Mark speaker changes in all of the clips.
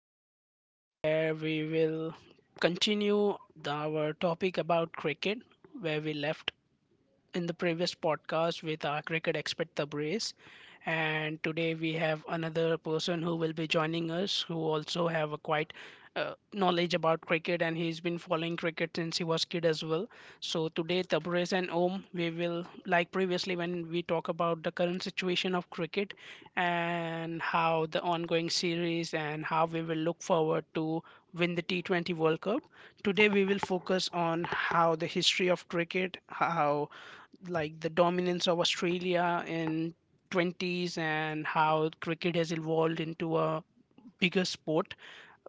Speaker 1: our podcast where we will continue our topic about cricket where we left in the previous podcast with our cricket expert Tabriz. And today we have another person who will be joining us, who also have a quite knowledge about cricket, and he's been following cricket since he was kid as well. So today, Tabriz and Om, we will like previously when we talk about the current situation of cricket and how the ongoing series and how we will look forward to win the T20 World Cup. Today we will focus on how the history of cricket, how like the dominance of Australia in 20s, and how cricket has evolved into a bigger sport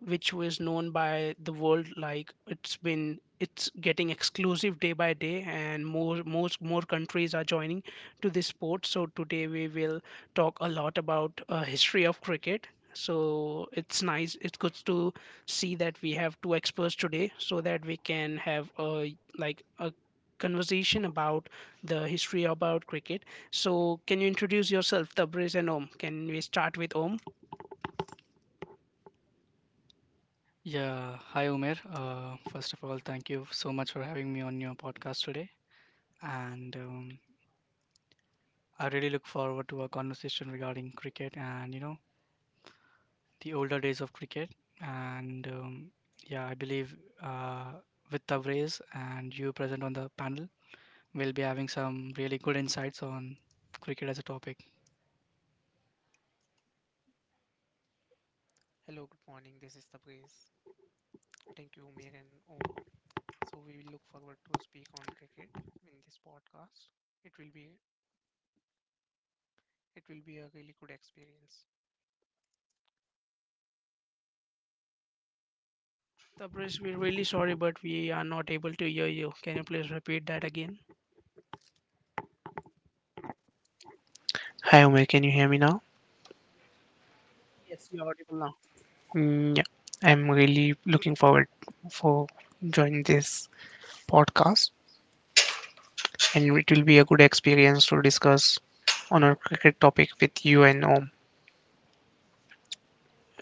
Speaker 1: which was known by the world. Like it's been, it's getting exclusive day by day, and more most more countries are joining to this sport. So today we will talk a lot about history of cricket. So it's nice, it's good to see that we have two experts today, so that we can have a like a conversation about the history about cricket. So can you introduce yourself, Tabriz and Om? Can we start with Om?
Speaker 2: Yeah, hi Umer. First of all, thank you so much for having me on your podcast today, and I really look forward to our conversation regarding cricket and the older days of cricket. And yeah, I believe uh, with Tabrez and you present on the panel, we'll be having some really good insights on cricket as a topic.
Speaker 3: Hello, good morning. This is Tabriz. Thank you, Umir and Om. So we will look forward to speak on cricket in this podcast. It will be it will be a really good experience.
Speaker 1: Tabriz, we're really sorry, but we are not able to hear you. Can you please repeat that again?
Speaker 3: Hi, Umir. Can you hear me now?
Speaker 1: Yes, you're audible now.
Speaker 3: Mm, yeah, I'm really looking forward for joining this podcast, and it will be a good experience to discuss on our cricket topic with you and Om.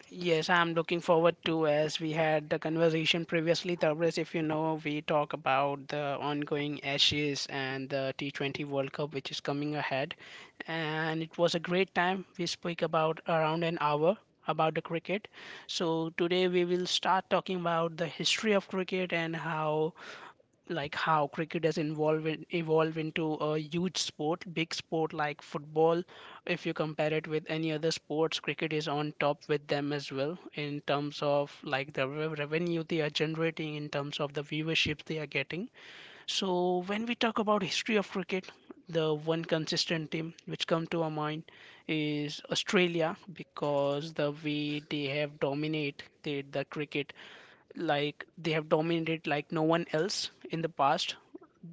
Speaker 1: Yes, I'm looking forward to, as we had the conversation previously, Tabriz, if you know, we talk about the ongoing Ashes and the T20 World Cup which is coming ahead. And it was a great time. We spoke about around an hour about the cricket. So today we will start talking about the history of cricket and how like how cricket has evolved into a huge sport, big sport, like football. If you compare it with any other sports, cricket is on top with them as well in terms of like the revenue they are generating, in terms of the viewership they are getting. So when we talk about history of cricket, the one consistent team which come to our mind is Australia, because the way they have dominate the cricket, like they have dominated like no one else in the past.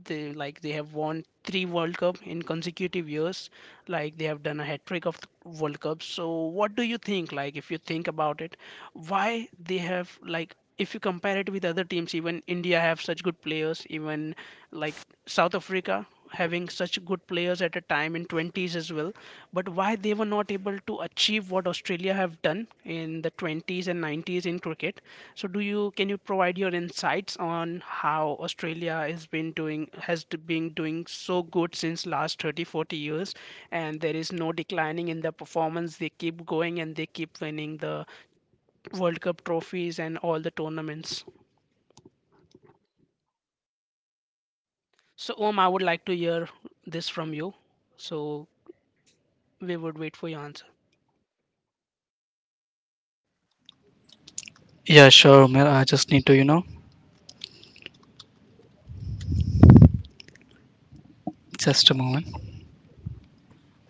Speaker 1: They like they have won three world cup in consecutive years. Like they have done a hat trick of world cup. So what do you think, like, if you think about it, why they have, like if you compare it with other teams, even India have such good players, even like South Africa having such good players at a time in 20s as well. But why they were not able to achieve what Australia have done in the 20s and 90s in cricket? So do you, can you provide your insights on how Australia has been doing, has been doing so good since last 30, 40 years, and there is no declining in the performance. They keep going and they keep winning the World Cup trophies and all the tournaments. So, Om, I would like to hear this from you. So, we would wait for your answer.
Speaker 2: Yeah, sure, Umer. I just need to just a moment.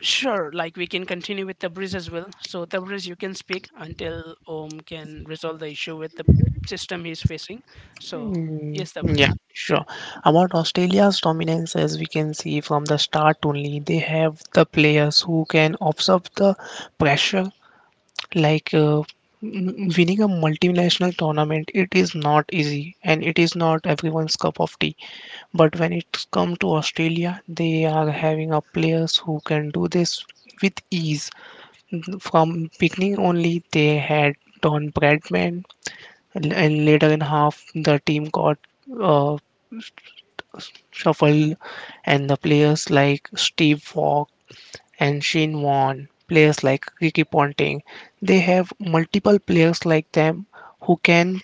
Speaker 1: Sure, like we can continue with Tabriz as well. So Tabriz, you can speak until Om can resolve the issue with the system he's facing. So
Speaker 3: Hmm,
Speaker 1: yes, Tabriz.
Speaker 3: yeah, sure. About Australia's dominance, as we can see from the start only, they have the players who can observe the pressure. Like uh, Winning a multinational tournament, it is not easy and it is not everyone's cup of tea. But when it's come to Australia, they are having a players who can do this with ease. From beginning only, they had Don Bradman, and later in half, the team got Uh, shuffle, and the players like Steve Fogg and Shane Warne, players like Ricky Ponting. They have multiple players like them who can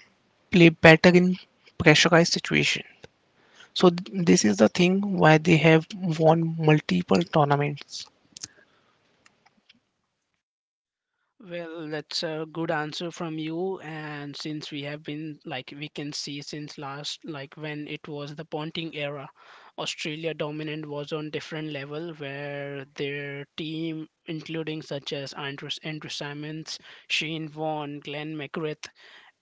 Speaker 3: play better in pressurized situation. So this is the thing why they have won multiple tournaments.
Speaker 1: Well, that's a good answer from you. And since we have been, like, we can see since last, like, when it was the Ponting era, Australia dominant was on different level, where their team, including such as Andrew Simons, Shane Vaughan, Glenn McGrath,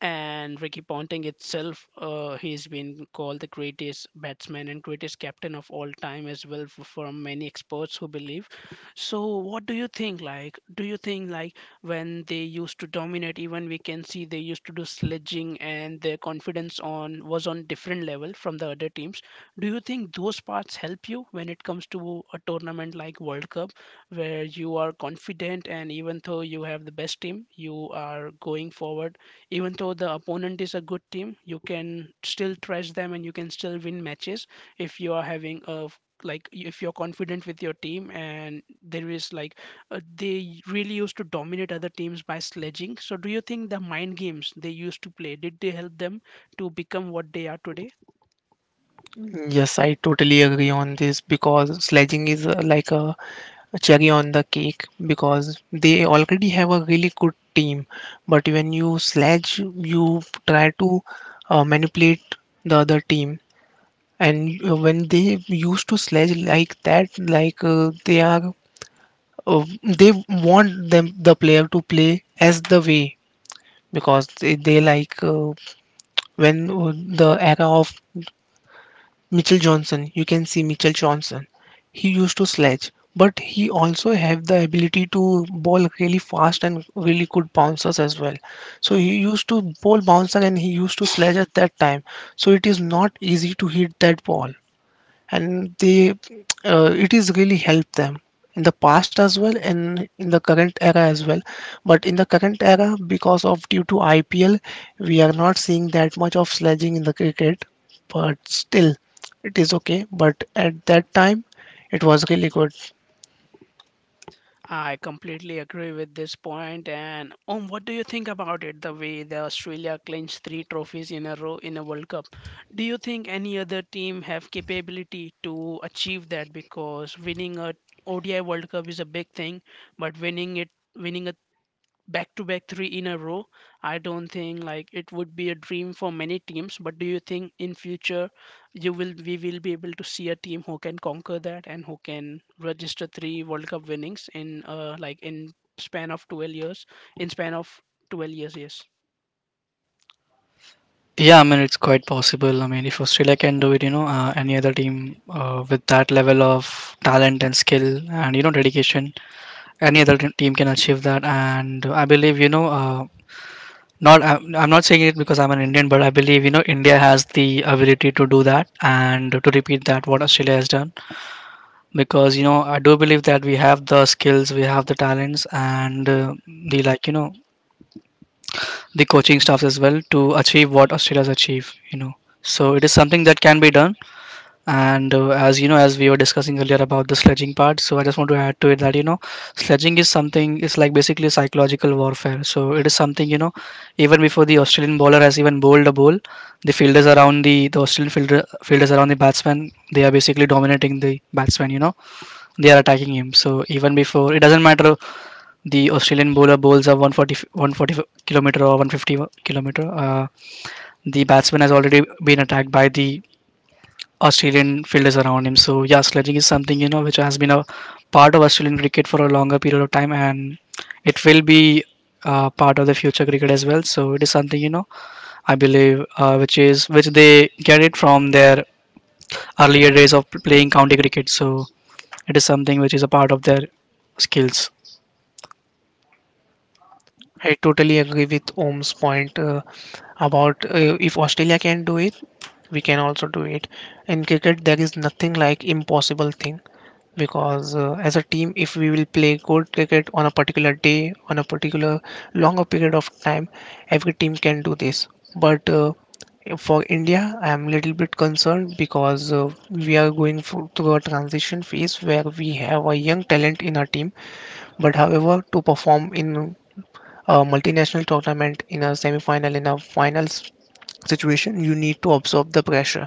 Speaker 1: and Ricky Ponting itself, he's been called the greatest batsman and greatest captain of all time as well from many experts who believe. So, what do you think? Like, do you think like when they used to dominate, even we can see they used to do sledging and their confidence on was on different level from the other teams. Do you think those parts help you when it comes to a tournament like world cup, where you are confident, and even though you have the best team you are going forward, even though the opponent is a good team you can still trash them and you can still win matches if you are having a like if you're confident with your team, and there is like they really used to dominate other teams by sledging. So, do you think the mind games they used to play, did they help them to become what they are today?
Speaker 3: Yes, I totally agree on this because sledging is like a cherry on the cake because they already have a really good team. But when you sledge, you try to manipulate the other team. And when they used to sledge like that, they want them the player to play as the way because they like when the era of Mitchell Johnson, you can see Mitchell Johnson. He used to sledge, but he also have the ability to bowl really fast and really good bouncers as well. So he used to bowl bouncer and he used to sledge at that time. So it is not easy to hit that ball, and they it is really helped them in the past as well and in the current era as well. But in the current era, because of due to IPL, we are not seeing that much of sledging in the cricket, but still it is okay. But at that time it was really good.
Speaker 1: I completely agree with this point. And what do you think about it? The way the Australia clinched three trophies in a row in a World Cup, do you think any other team have capability to achieve that? Because winning a ODI World Cup is a big thing, but winning a back to back three in a row, I don't think like it would be a dream for many teams. But do you think in future you will we will be able to see a team who can conquer that and who can register three world cup winnings in like in span of 12 years. in span of 12 years yes
Speaker 2: Yeah, I mean it's quite possible. I mean, if Australia can do it, any other team with that level of talent and skill and dedication, any other team can achieve that. And I believe, not I'm not saying it because I'm an Indian, but I believe India has the ability to do that and to repeat that what Australia has done. Because I do believe that we have the skills, we have the talents, and the like the coaching staffs as well to achieve what Australia has achieved. So it is something that can be done. And as you know, as we were discussing earlier about the sledging part, so I just want to add to it that sledging is something. It's like basically psychological warfare. So it is something even before the Australian bowler has even bowled a ball, the fielders around the fielders around the batsman, they are basically dominating the batsman. You know, they are attacking him. So even before, it doesn't matter the Australian bowler bowls are 140, 140 kilometer or 150 kilometer. The batsman has already been attacked by the Australian fielders around him. So yeah, sledging is something which has been a part of Australian cricket for a longer period of time, and it will be part of the future cricket as well. So it is something I believe which they get it from their earlier days of playing county cricket. So it is something which is a part of their skills.
Speaker 3: I totally agree with Om's point about if Australia can do it, we can also do it. In cricket, there is nothing like impossible thing, because as a team, if we will play good cricket on a particular day, on a particular longer period of time, every team can do this. But for India, I am little bit concerned because we are going through a transition phase where we have a young talent in our team. But however, to perform in a multinational tournament, in a semi final, in a finals situation, you need to absorb the pressure.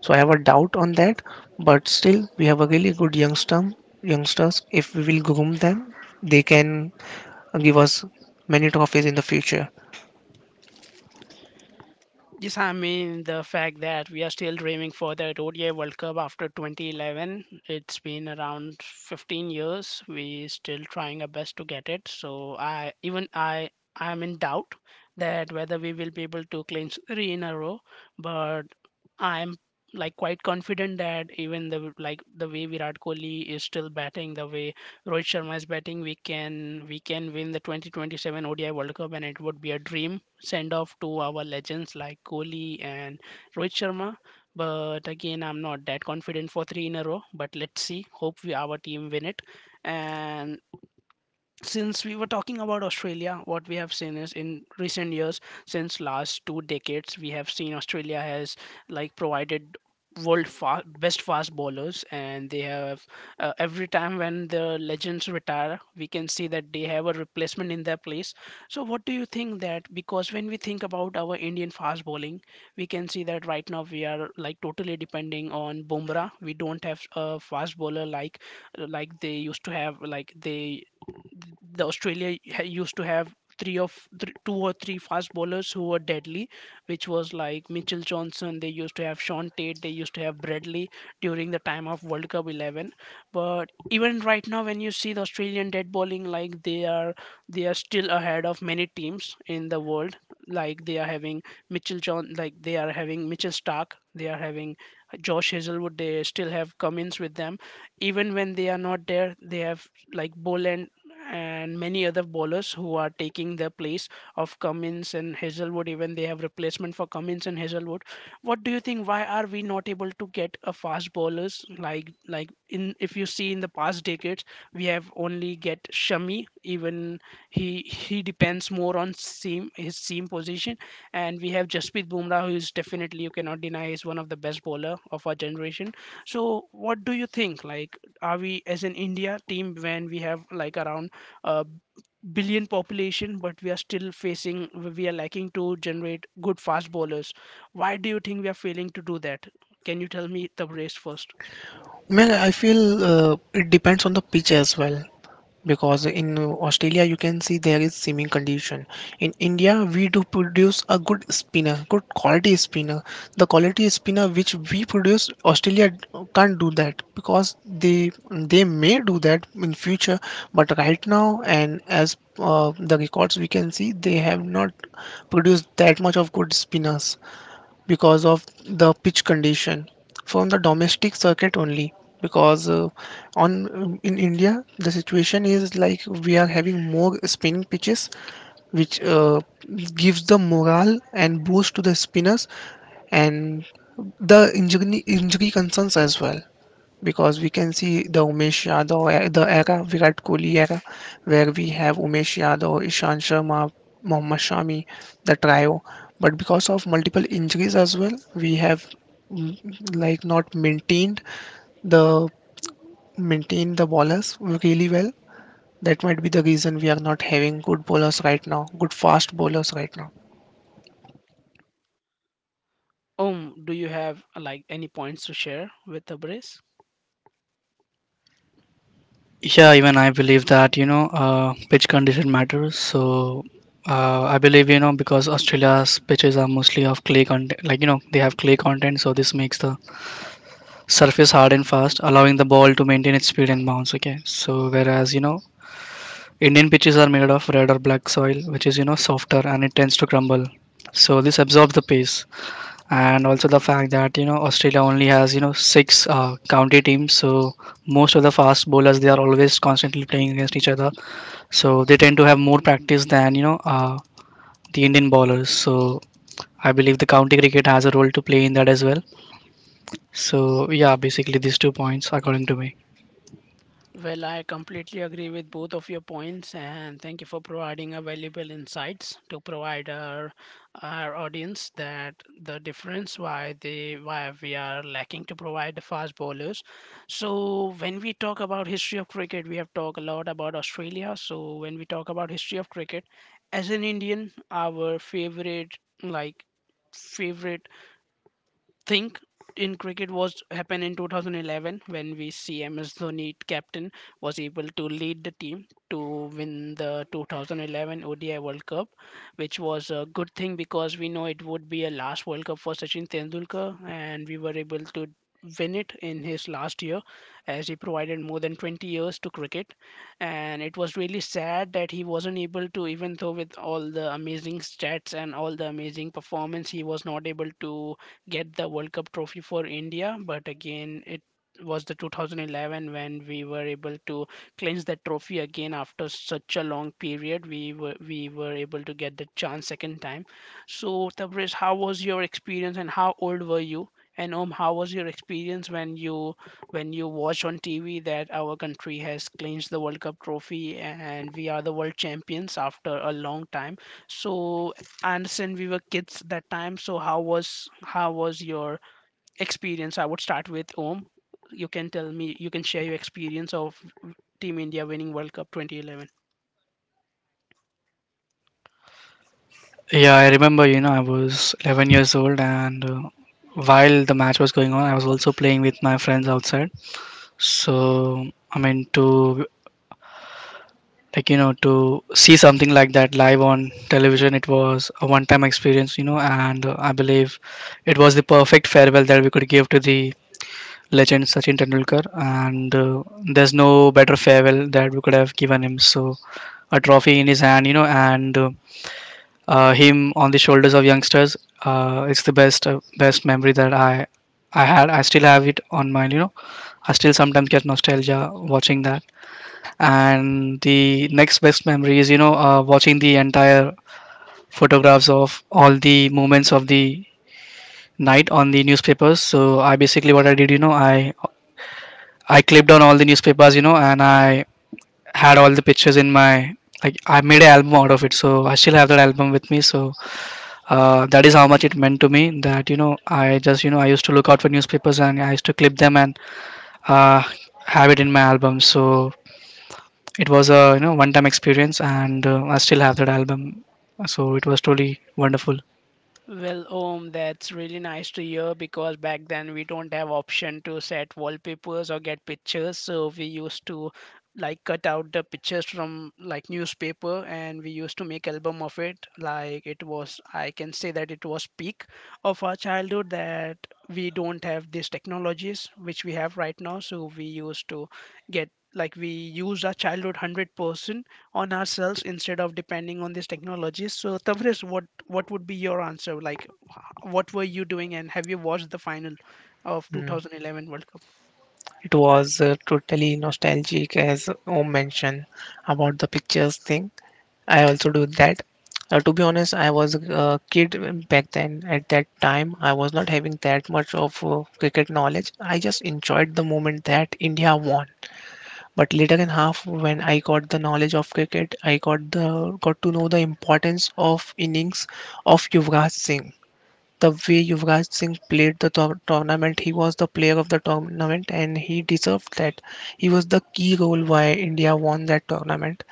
Speaker 3: So I have a doubt on that, but still we have a really good youngsters. If we will groom them, they can give us many trophies in the future.
Speaker 1: Yes, I mean the fact that we are still dreaming for that ODI World Cup after 2011. It's been around 15 years. We still trying our best to get it. So I even I I'm in doubt that whether we will be able to clinch three in a row. But I'm like quite confident that even the like the way Virat Kohli is still batting, the way Rohit Sharma is batting, we can win the 2027 ODI World Cup, and it would be a dream send off to our legends like Kohli and Rohit Sharma. But again, I'm not that confident for three in a row. But let's see. Hope our team win it. And since we were talking about Australia, what we have seen is in recent years, since last two decades we have seen Australia has like provided world best fast bowlers, and they have every time when the legends retire we can see that they have a replacement in their place. So what do you think that? Because when we think about our Indian fast bowling, we can see that right now we are like totally depending on Bumrah. We don't have a fast bowler like they used to have, like they, the Australia used to have three, two or three fast bowlers who were deadly, which was like Mitchell Johnson. They used to have Sean Tate. They used to have Bradley during the time of World Cup 11. But even right now, when you see the Australian dead bowling, like they are, they are still ahead of many teams in the world. Like they are having like they are having Mitchell Stark. They are having Josh Hazelwood. They still have Cummins with them. Even when they are not there, they have like Boland and many other bowlers who are taking the place of Cummins and Hazelwood. Even they have replacement for Cummins and Hazelwood. What do you think? Why are we not able to get a fast bowlers like in, if you see in the past decades we have only get Shami. Even he depends more on seam, his seam position, and we have Jasprit Bumrah who is definitely you cannot deny is one of the best bowler of our generation. So what do you think? Like are we as an India team when we have like around uh, billion population, but we are still facing, we are lacking to generate good fast bowlers. Why do you think we are failing to do that? Can you tell me the Brace first?
Speaker 3: Man, I feel it depends on the pitch as well, because in Australia you can see there is seeming condition. In India we do produce a good spinner, good quality spinner. The quality spinner which we produce, Australia can't do that, because they they may do that in future, but right now, and as the records we can see, they have not produced that much of good spinners because of the pitch condition, from the domestic circuit only, because on in India the situation is like we are having more spinning pitches, which gives the morale and boost to the spinners, and the injury concerns as well. Because we can see the the era, Virat Kohli era, where we have Umesh Yadav, Ishan Sharma, Mohammad Shami, the trio. But because of multiple injuries as well, we have like not the maintained the bowlers really well. That might be the reason we are not having good bowlers right now, good fast bowlers right now.
Speaker 1: Do you have like any points to share with the?
Speaker 2: Yeah, even I believe that pitch condition matters. So I believe because Australia's pitches are mostly of clay content, like they have clay content, so this makes the surface hard and fast, allowing the ball to maintain its speed and bounce. Okay, so whereas Indian pitches are made of red or black soil, which is softer and it tends to crumble. So this absorbs the pace, and also the fact that Australia only has six county teams, so most of the fast bowlers they are always constantly playing against each other, so they tend to have more practice than the Indian bowlers. So I believe the county cricket has a role to play in that as well. So yeah, basically these two points according to me.
Speaker 1: Well, I completely agree with both of your points, and thank you for providing a valuable insights to provide our audience that the difference why they, why we are lacking to provide the fast bowlers. So when we talk about history of cricket, we have talked a lot about Australia. So when we talk about history of cricket, as an Indian, our favorite think in cricket was happened in 2011 when we see MS Dhoni captain was able to lead the team to win the 2011 ODI World Cup, which was a good thing because we know it would be a last World Cup for Sachin Tendulkar, and we were able to win it in his last year, as he provided more than 20 years to cricket. And it was really sad that he wasn't able to, even though with all the amazing stats and all the amazing performance, he was not able to get the World Cup trophy for India. But again, it was the 2011 when we were able to clinch that trophy again after such a long period. We were able to get the chance second time. So Tabriz, how was your experience and how old were you? And how was your experience when you watched on TV that our country has clinched the World Cup trophy and we are the world champions after a long time? So I understand we were kids that time. So how was your experience? I would start with Om. You can tell me. You can share your experience of Team India winning World Cup 2011.
Speaker 2: Yeah, I remember, I was 11 years old, and while the match was going on, I was also playing with my friends outside. So, I mean, to like, to see something like that live on television, it was a one time experience, and I believe it was the perfect farewell that we could give to the legend Sachin Tendulkar, and there's no better farewell that we could have given him. So, a trophy in his hand, and him on the shoulders of youngsters. It's the best best memory that I had. I still have it on my. I still sometimes get nostalgia watching that. And the next best memory is watching the entire photographs of all the moments of the night on the newspapers. So I basically what I did I clipped on all the newspapers and I had all the pictures in my like I made an album out of it. So I still have that album with me. So that is how much it meant to me that I just I used to look out for newspapers and I used to clip them and uh, have it in my album, so it was a one time experience and I still have that album, so it was truly wonderful.
Speaker 1: Well, that's really nice to hear because back then we don't have option to set wallpapers or get pictures, so we used to like cut out the pictures from like newspaper and we used to make album of it. Like it was, I can say that it was peak of our childhood that we don't have these technologies which we have right now, so we used to get like we use our childhood 100% on ourselves instead of depending on these technologies. So, Tavris, what would be your answer? Like, what were you doing, and have you watched the final of
Speaker 3: Mm,
Speaker 1: 2011 World Cup?
Speaker 3: it was totally nostalgic, as Om mentioned about the pictures thing. I also do that. To be honest, I was a kid back then. At that time, I was not having that much of cricket knowledge. I just enjoyed the moment that India won. But later in half, when I got the knowledge of cricket, I got the got to know the importance of innings of Yuvraj Singh. The way Yuvraj Singh played the tournament, he was the player of the tournament, and he deserved that. He was the key role why India won that tournament,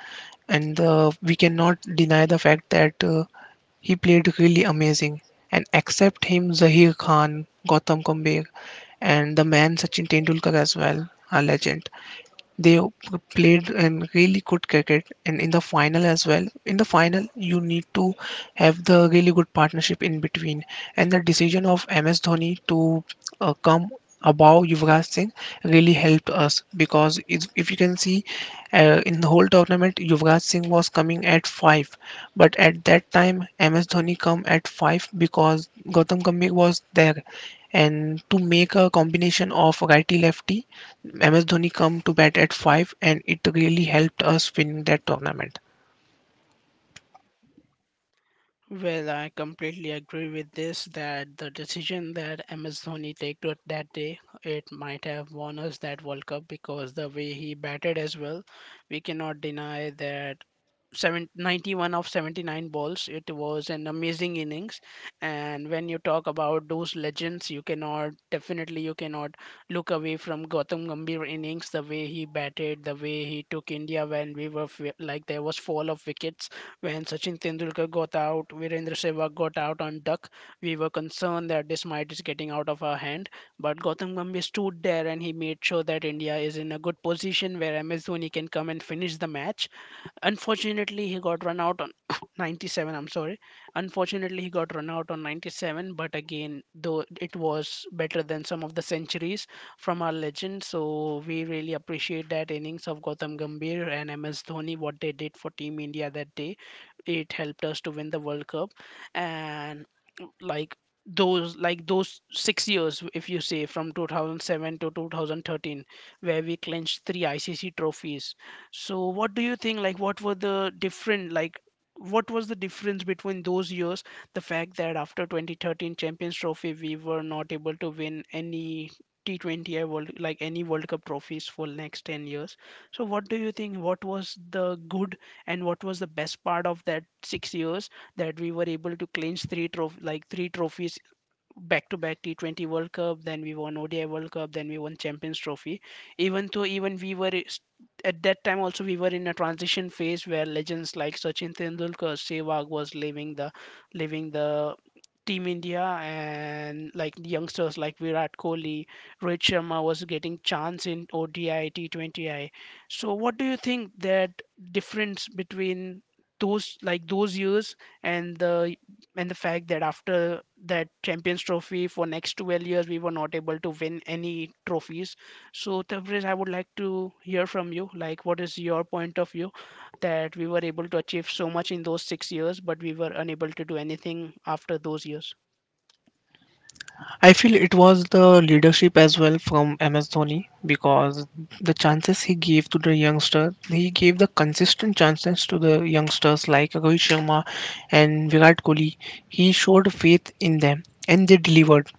Speaker 3: and we cannot deny the fact that he played really amazing. And except him, Zahir Khan, Gautam Gambhir, and the man Sachin Tendulkar as well, a legend, they played and really good cricket. And in the final as well, in the final you need to have the really good partnership in between, and the decision of MS Dhoni to come above Yuvraj Singh really helped us, because if you can see, in the whole tournament Yuvraj Singh was coming at 5, but at that time MS Dhoni come at 5 because Gautam Gambhir was there, and to make a combination of righty lefty, MS Dhoni come to bat at 5, and it really helped us win that tournament.
Speaker 1: Well, I completely agree with this that the decision that MS Dhoni took to- that day, it might have won us that World Cup because the way he batted as well, we cannot deny that Seven ninety one of 79 balls. It was an amazing innings. And when you talk about those legends, you cannot look away from Gautam Gambhir innings. The way he batted, the way he took India when we were f- like there was fall of wickets when Sachin Tendulkar got out, Virendra Sehwag got out on duck. We were concerned that this might is getting out of our hand, but Gautam Gambhir stood there and he made sure that India is in a good position where MS Dhoni can come and finish the match. Unfortunately, he got run out on 97. I'm sorry. Unfortunately, he got run out on 97. But again, though it was better than some of the centuries from our legend, so we really appreciate that innings of Gautam Gambhir and MS Dhoni. What they did for Team India that day, it helped us to win the World Cup. And like those 6 years if you say from 2007 to 2013, where we clinched three ICC trophies, so what do you think, like what were the different, like what was the difference between those years, the fact that after 2013 Champions Trophy we were not able to win any T20 I world like any World Cup trophies for next 10 years. So what do you think what was the good and what was the best part of that 6 years that we were able to clinch like three trophies back to back T20 World Cup, then we won ODI World Cup, then we won Champions Trophy. Even though even we at that time also we were in a transition phase where legends like Sachin Tendulkar, Sehwag was leaving the Team India, and like the youngsters like Virat Kohli, Rohit Sharma was getting chance in ODI, T20I. So what do you think that difference between those years and the fact that after that champions trophy for next 12 years we were not able to win any trophies, so Tabriz, I would like to hear from you, like what is your point of view that we were able to achieve so much in those 6 years but we were unable to do anything after those years.
Speaker 3: I feel it was the leadership as well from MS Dhoni, because the chances he gave to the youngster, he gave the consistent chances to the youngsters like Rohit Sharma and Virat Kohli. He showed faith in them and they delivered.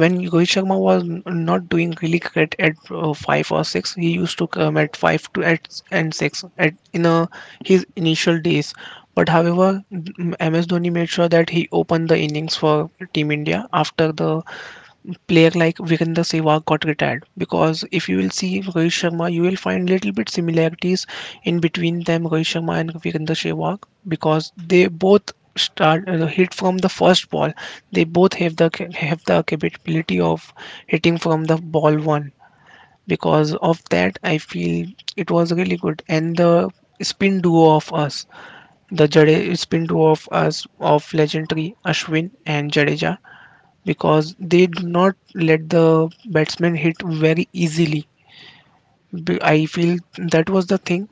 Speaker 3: When Rohit Sharma was not doing really great at five or six, he used to come at five to at and six at in his initial days. But however, MS Dhoni made sure that he opened the innings for Team India after the player like Virender Sehwag got retired, because if you will see Rohit Sharma, you will find little bit similarities in between them, Rohit Sharma and Virender Sehwag, because they both start hit from the first ball. They both have the capability of hitting from the ball one. Because of that, I feel it was really good, and the spin duo of us, the Jade spin duo of us, of legendary Ashwin and Jadeja, because they do not let the batsman hit very easily. I feel that was the thing,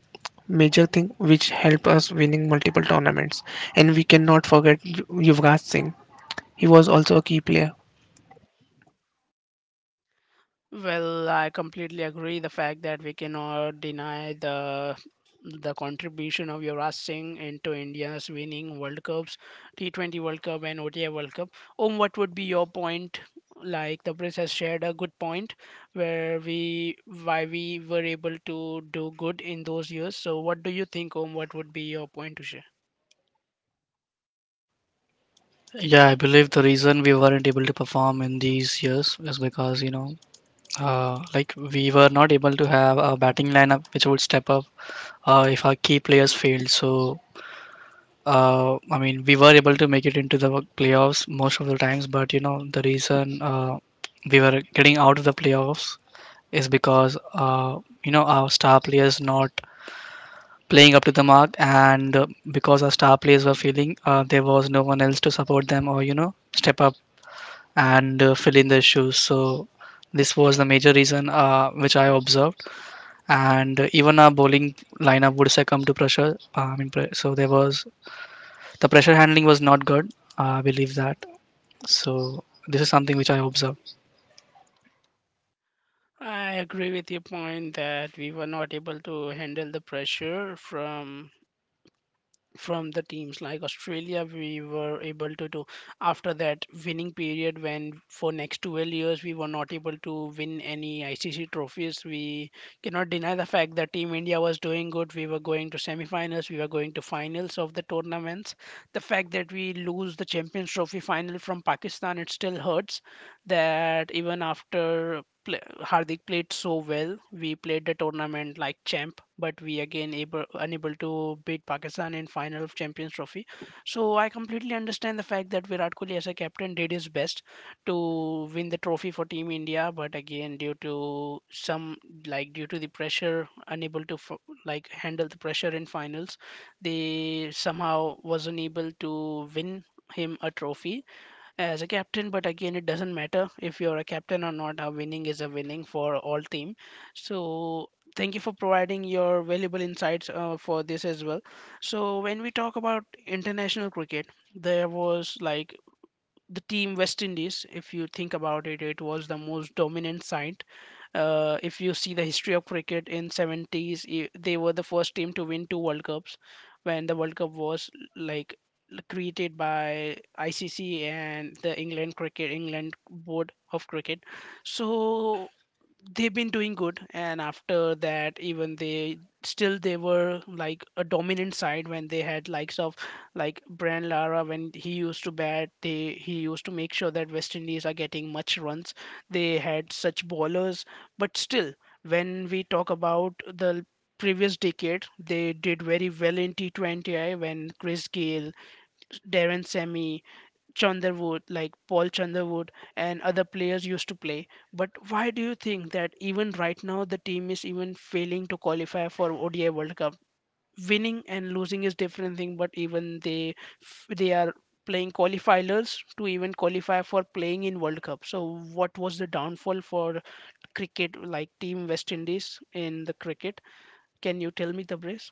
Speaker 3: major thing, which helped us winning multiple tournaments. And we cannot forget Yuvraj Singh. He was also a key player.
Speaker 1: Well, I completely agree. The fact that we cannot deny the contribution of Yuvraj Singh into India's winning World Cups, T20 World Cup and ODI World Cup. What would be your point? Like the Prince has shared a good point where we why we were able to do good in those years. So what do you think, what would be your point to share?
Speaker 2: Yeah, I believe the reason we weren't able to perform in these years is because like we were not able to have a batting lineup which would step up if our key players failed. So I mean, we were able to make it into the playoffs most of the times, but the reason we were getting out of the playoffs is because our star players not playing up to the mark, and because our star players were feeling there was no one else to support them or step up and fill in their shoes. So this was the major reason which I observed, and even our bowling lineup would succumb to pressure. I mean, so there was, the pressure handling was not good. I believe that. So this is something which I observe.
Speaker 1: I agree with your point that we were not able to handle the pressure from the teams like Australia. We were able to do after that winning period when for next 12 years we were not able to win any ICC trophies. We cannot deny the fact that Team India was doing good. We were going to semi-finals, we were going to finals of the tournaments. The fact that we lose the Champions Trophy final from Pakistan, it still hurts that even after pla Hardik played so well. We played the tournament like champ, but we again able unable to beat Pakistan in final of Champions Trophy. So I completely understand the fact that Virat Kohli as a captain did his best to win the trophy for Team India, but again due to some like due to the pressure, unable to f- like handle the pressure in finals, they somehow wasn't able to win him a trophy as a captain. But again, it doesn't matter if you're a captain or not, a winning is a winning for all team. So thank you for providing your valuable insights for this as well. So when we talk about international cricket, there was like the team West Indies, if you think about it, it was the most dominant side. If you see the history of cricket in 70s, I- they were the first team to win two World Cups when the World Cup was like created by ICC and the England cricket England board of cricket. So they've been doing good, and after that even they were like a dominant side when they had likes of like Brian Lara. When he used to bat, they he used to make sure that West Indies are getting much runs. They had such bowlers, but still, when we talk about the previous decade, they did very well in T20I when Chris Gayle, Darren Sammy, Chanderwood, like Paul Chanderwood and other players used to play. But why do you think that even right now the team is even failing to qualify for ODI World Cup? Winning and losing is different thing, but even they are playing qualifiers to even qualify for playing in World Cup. So what was the downfall for cricket like team West Indies in the cricket? Can you tell me the brace?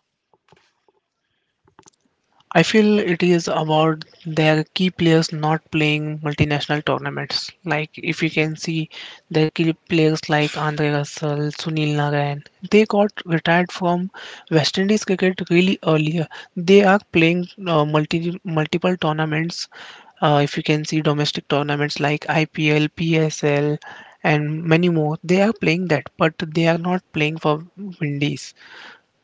Speaker 3: I feel it is about their key players not playing multinational tournaments. Like if you can see, their key players like Andre Russell, Sunil Narayan, they got retired from West Indies cricket really earlier. They are playing multiple tournaments. If you can see domestic tournaments like IPL, PSL, and many more, they are playing that, but they are not playing for Windies,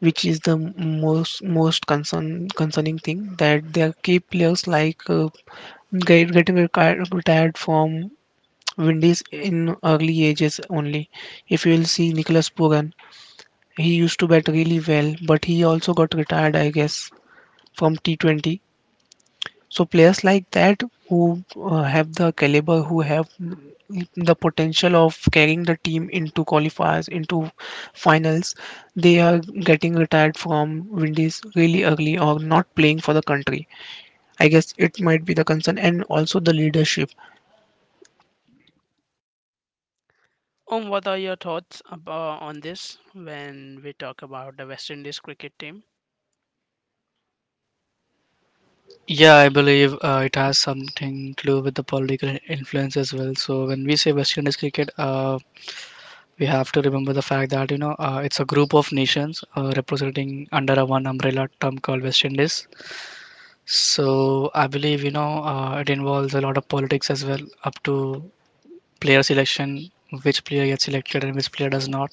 Speaker 3: which is the most concerning thing, that their key players like getting retired from Windies in early ages only. If you will see Nicholas Puran, he used to bat really well, but he also got retired, I guess, from T20. So players like that who have the caliber, who have the potential of carrying the team into qualifiers, into finals, they are getting retired from Windies really early or not playing for the country. I guess it might be the concern and also the leadership.
Speaker 1: What are your thoughts about on this when we talk about the West Indies cricket team?
Speaker 2: Yeah, I believe it has something to do with the political influence as well. So when we say West Indies cricket, we have to remember the fact that it's a group of nations representing under a one umbrella term called West Indies. So I believe it involves a lot of politics as well, up to player selection, which player gets selected and which player does not.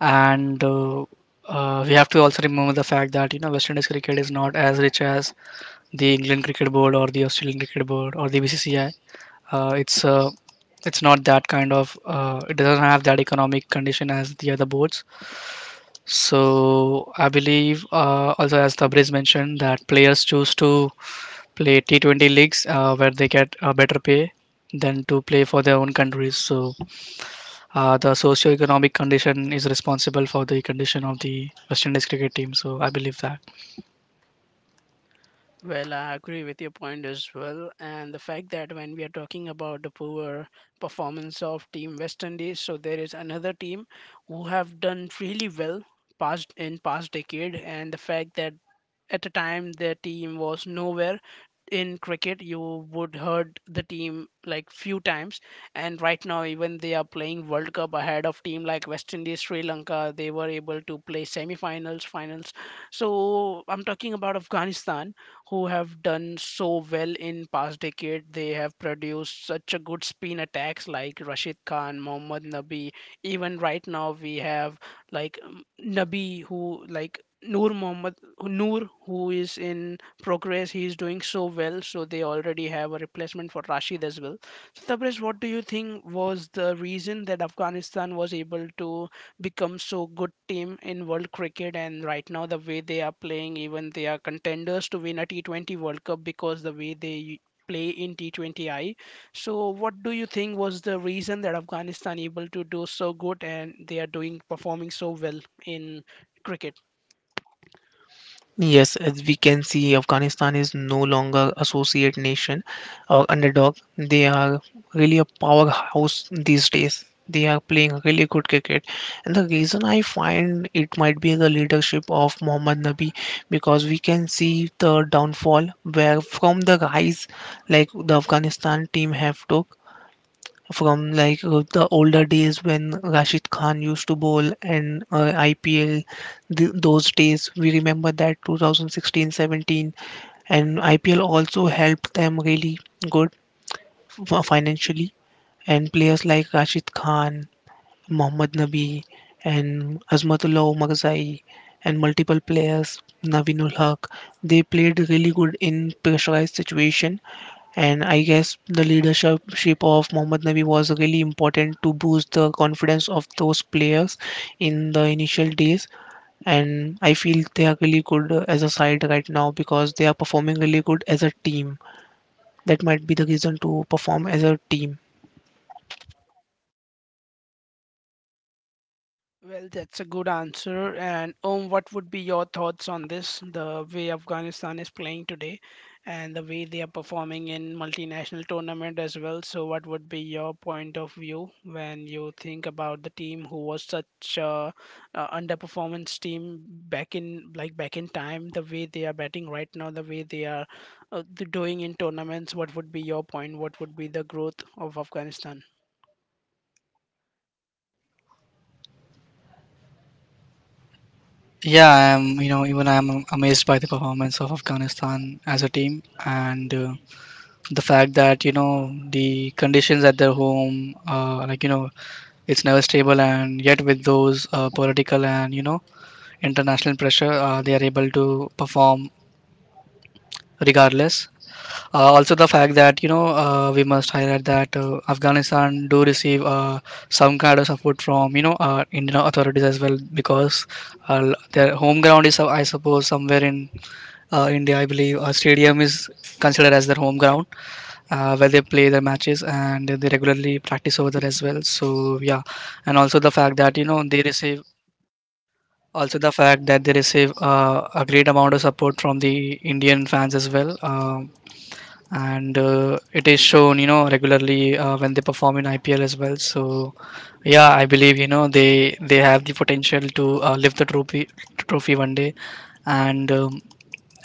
Speaker 2: And we have to also remember the fact that West Indies cricket is not as rich as the England Cricket Board or the Australian Cricket Board or the BCCI. Uh, it's uh, it's not that kind of, it doesn't have that economic condition as the other boards. So I believe also, as Tabriz mentioned, that players choose to play T20 leagues, where they get a better pay than to play for their own countries. So the economic condition is responsible for the condition of the West Indies cricket team. So I believe that.
Speaker 1: Well, I agree with your point as well. And the fact that when we are talking about the poor performance of Team West Indies, so there is another team who have done really well past in past decade, and the fact that at the time their team was nowhere in cricket. You would heard the team like few times, and right now even they are playing world cup ahead of team like West Indies, Sri Lanka. They were able to play semi-finals, finals. So I'm talking about Afghanistan, who have done so well in past decade. They have produced such a good spin attacks like Rashid Khan, Mohammad Nabi. Even right now we have like Nabi, who like Noor Mohammad Noor who is in progress. He is doing so well, so they already have a replacement for Rashid as well. So Tabriz, what do you think was the reason that Afghanistan was able to become so good team in world cricket, and right now the way they are playing, even they are contenders to win a T20 World Cup because the way they play in T20I. So what do you think was the reason that Afghanistan able to do so good and they are doing performing so well in cricket?
Speaker 3: Yes, as we can see, Afghanistan is no longer associate nation or underdog. They are really a powerhouse these days. They are playing really good cricket, and the reason I find it might be the leadership of Mohammad Nabi, because we can see the downfall where from the rise, like the Afghanistan team have to, from the older days when Rashid Khan used to bowl and IPL. Those days we remember that 2016-17, and IPL also helped them really good financially. And players like Rashid Khan, Mohammad Nabi, and Azmatullah Omarzai, and multiple players, Navinul Haq, they played really good in pressurized situation, and I guess the leadership ship of Mohammad Nabi was really important to boost the confidence of those players in the initial days. And I feel they are really good as a side right now, because they are performing really good as a team. That might be the reason to perform as a team.
Speaker 1: Well, that's a good answer. And what would be your thoughts on this? The way Afghanistan is playing today, and the way they are performing in multinational tournament as well. So, what would be your point of view when you think about the team who was such a, underperformance team back in like back in time? The way they are batting right now, the way they are doing in tournaments. What would be your point? What would be the growth of Afghanistan?
Speaker 2: Yeah, I am. Even I am amazed by the performance of Afghanistan as a team, and the fact that the conditions at their home, like it's never stable, and yet with those political and international pressure, they are able to perform regardless. Also, the fact that we must highlight that Afghanistan do receive some kind of support from Indian authorities as well, because their home ground is, I suppose, somewhere in India. I believe a stadium is considered as their home ground, where they play their matches and they regularly practice over there as well. So yeah, and also the fact that they receive a great amount of support from the Indian fans as well. And it is shown, regularly, when they perform in IPL as well. So yeah, I believe they have the potential to lift the trophy one day. And um,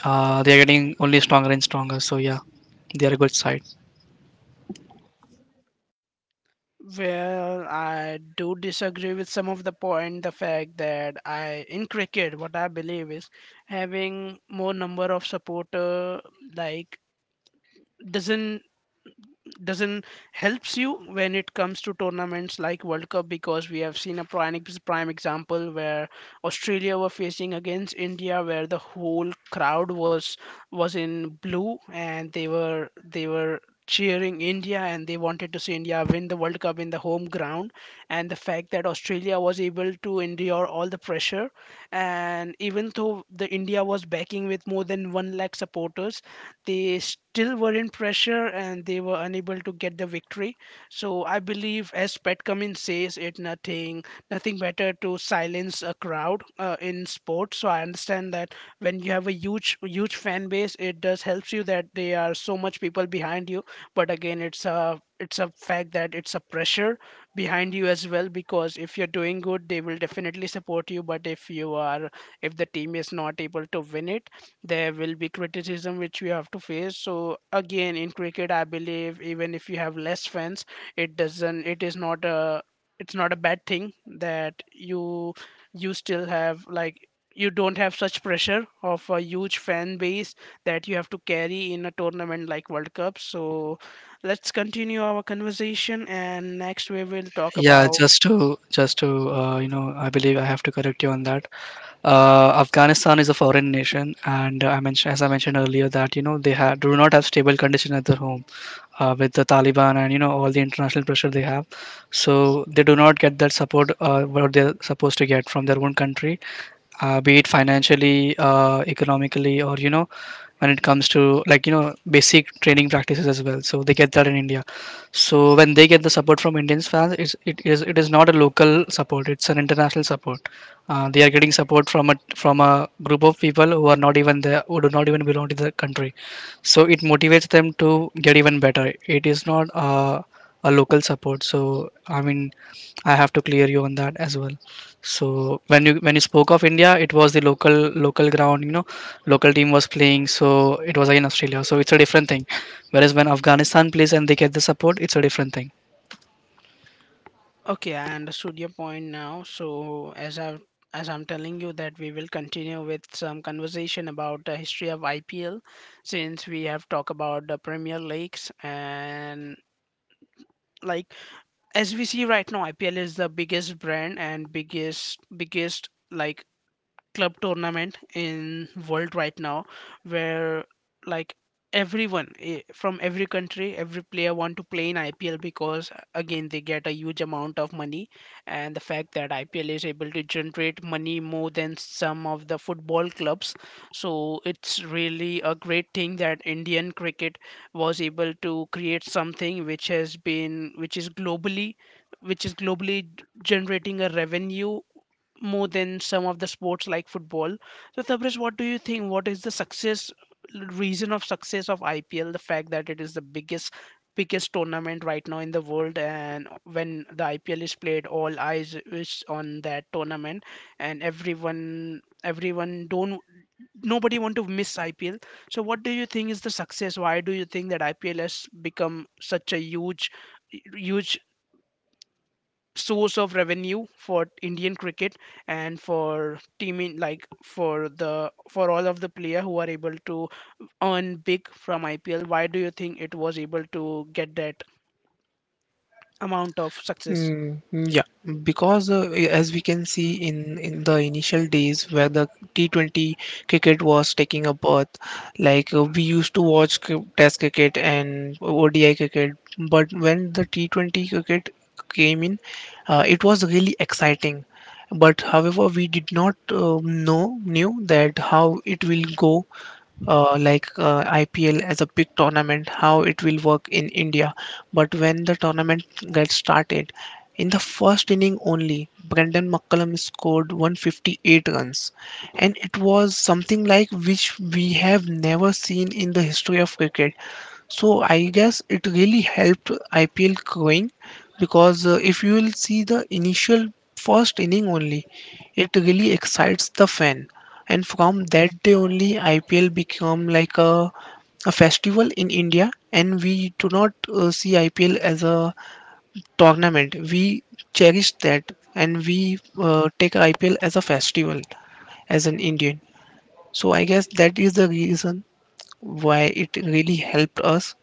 Speaker 2: uh, they are getting only stronger and stronger, so yeah, they are a good side.
Speaker 1: Well, I do disagree with some of the point. The fact that I in cricket, what I believe is having more number of supporter, like, doesn't doesn't helps you when it comes to tournaments like World Cup, because we have seen a prime prime example where Australia were facing against India, where the whole crowd was in blue and they were cheering India and they wanted to see India win the World Cup in the home ground, and the fact that Australia was able to endure all the pressure, and even though the India was backing with more than 1 lakh supporters, they still were in pressure and they were unable to get the victory. So I believe, as Pat Cummins says, it nothing better to silence a crowd in sports. So I understand that when you have a huge fan base, it does helps you that there are so much people behind you. But again, it's a fact that it's a pressure behind you as well, because if you're doing good they will definitely support you, but if you are, if the team is not able to win it, there will be criticism which we have to face. So again, in cricket I believe, even if you have less fans, it doesn't, it is not a, it's not a bad thing that you still have, like, you don't have such pressure of a huge fan base that you have to carry in a tournament like World Cup. So let's continue our conversation, and next we will talk
Speaker 2: Yeah,
Speaker 1: about.
Speaker 2: just to you know, I believe I have to correct you on that. Afghanistan is a foreign nation, and I mentioned as I mentioned earlier that they have do not have stable condition at their home, with the Taliban and all the international pressure they have. So they do not get that support, what they're supposed to get from their own country, be it financially, economically, or when it comes to like basic training practices as well. So they get that in India. So when they get the support from Indians fans, it is not a local support; it's an international support. They are getting support from a group of people who are not even there, who do not even belong to the country. So it motivates them to get even better. It is not a local support. So I mean, I have to clear you on that as well. So when you spoke of India, it was the local ground, local team was playing, so it was again Australia. So it's a different thing. Whereas when Afghanistan plays and they get the support, it's a different thing.
Speaker 1: Okay, I understood your point now. So as I, as I'm telling you that we will continue with some conversation about the history of IPL, since we have talked about the Premier Leagues and, like, as we see right now, IPL is the biggest brand and biggest, like, club tournament in world right now, where, like, everyone from every country every player want to play in IPL, because again they get a huge amount of money, and the fact that IPL is able to generate money more than some of the football clubs. So it's really a great thing that Indian cricket was able to create something which has been which is globally, which is globally generating a revenue more than some of the sports like football. So, Tabriz, what do you think? What is the success of IPL? The fact that it is the biggest tournament right now in the world, and when the IPL is played all eyes is on that tournament, and everyone everyone don't nobody want to miss IPL. So what do you think is the success, why do you think that IPL has become such a huge source of revenue for Indian cricket and for teaming, like for the, for all of the player who are able to earn big from IPL? Why do you think it was able to get that amount of success?
Speaker 3: Mm, yeah, because as we can see, in the initial days where the T20 cricket was taking a birth, we used to watch Test cricket and ODI cricket, but when the T20 cricket came in, it was really exciting. But however, we did not know knew that how it will go, IPL as a big tournament, how it will work in India. But when the tournament gets started, in the first inning only, Brendan McCullum scored 158 runs, and it was something like which we have never seen in the history of cricket. So I guess it really helped IPL growing because if you will see the initial first inning only, it really excites the fan, and from that day only IPL become like a festival in India, and we do not see IPL as a tournament. We cherish that, and we take IPL as a festival as an Indian. So I guess that is the reason why it really helped us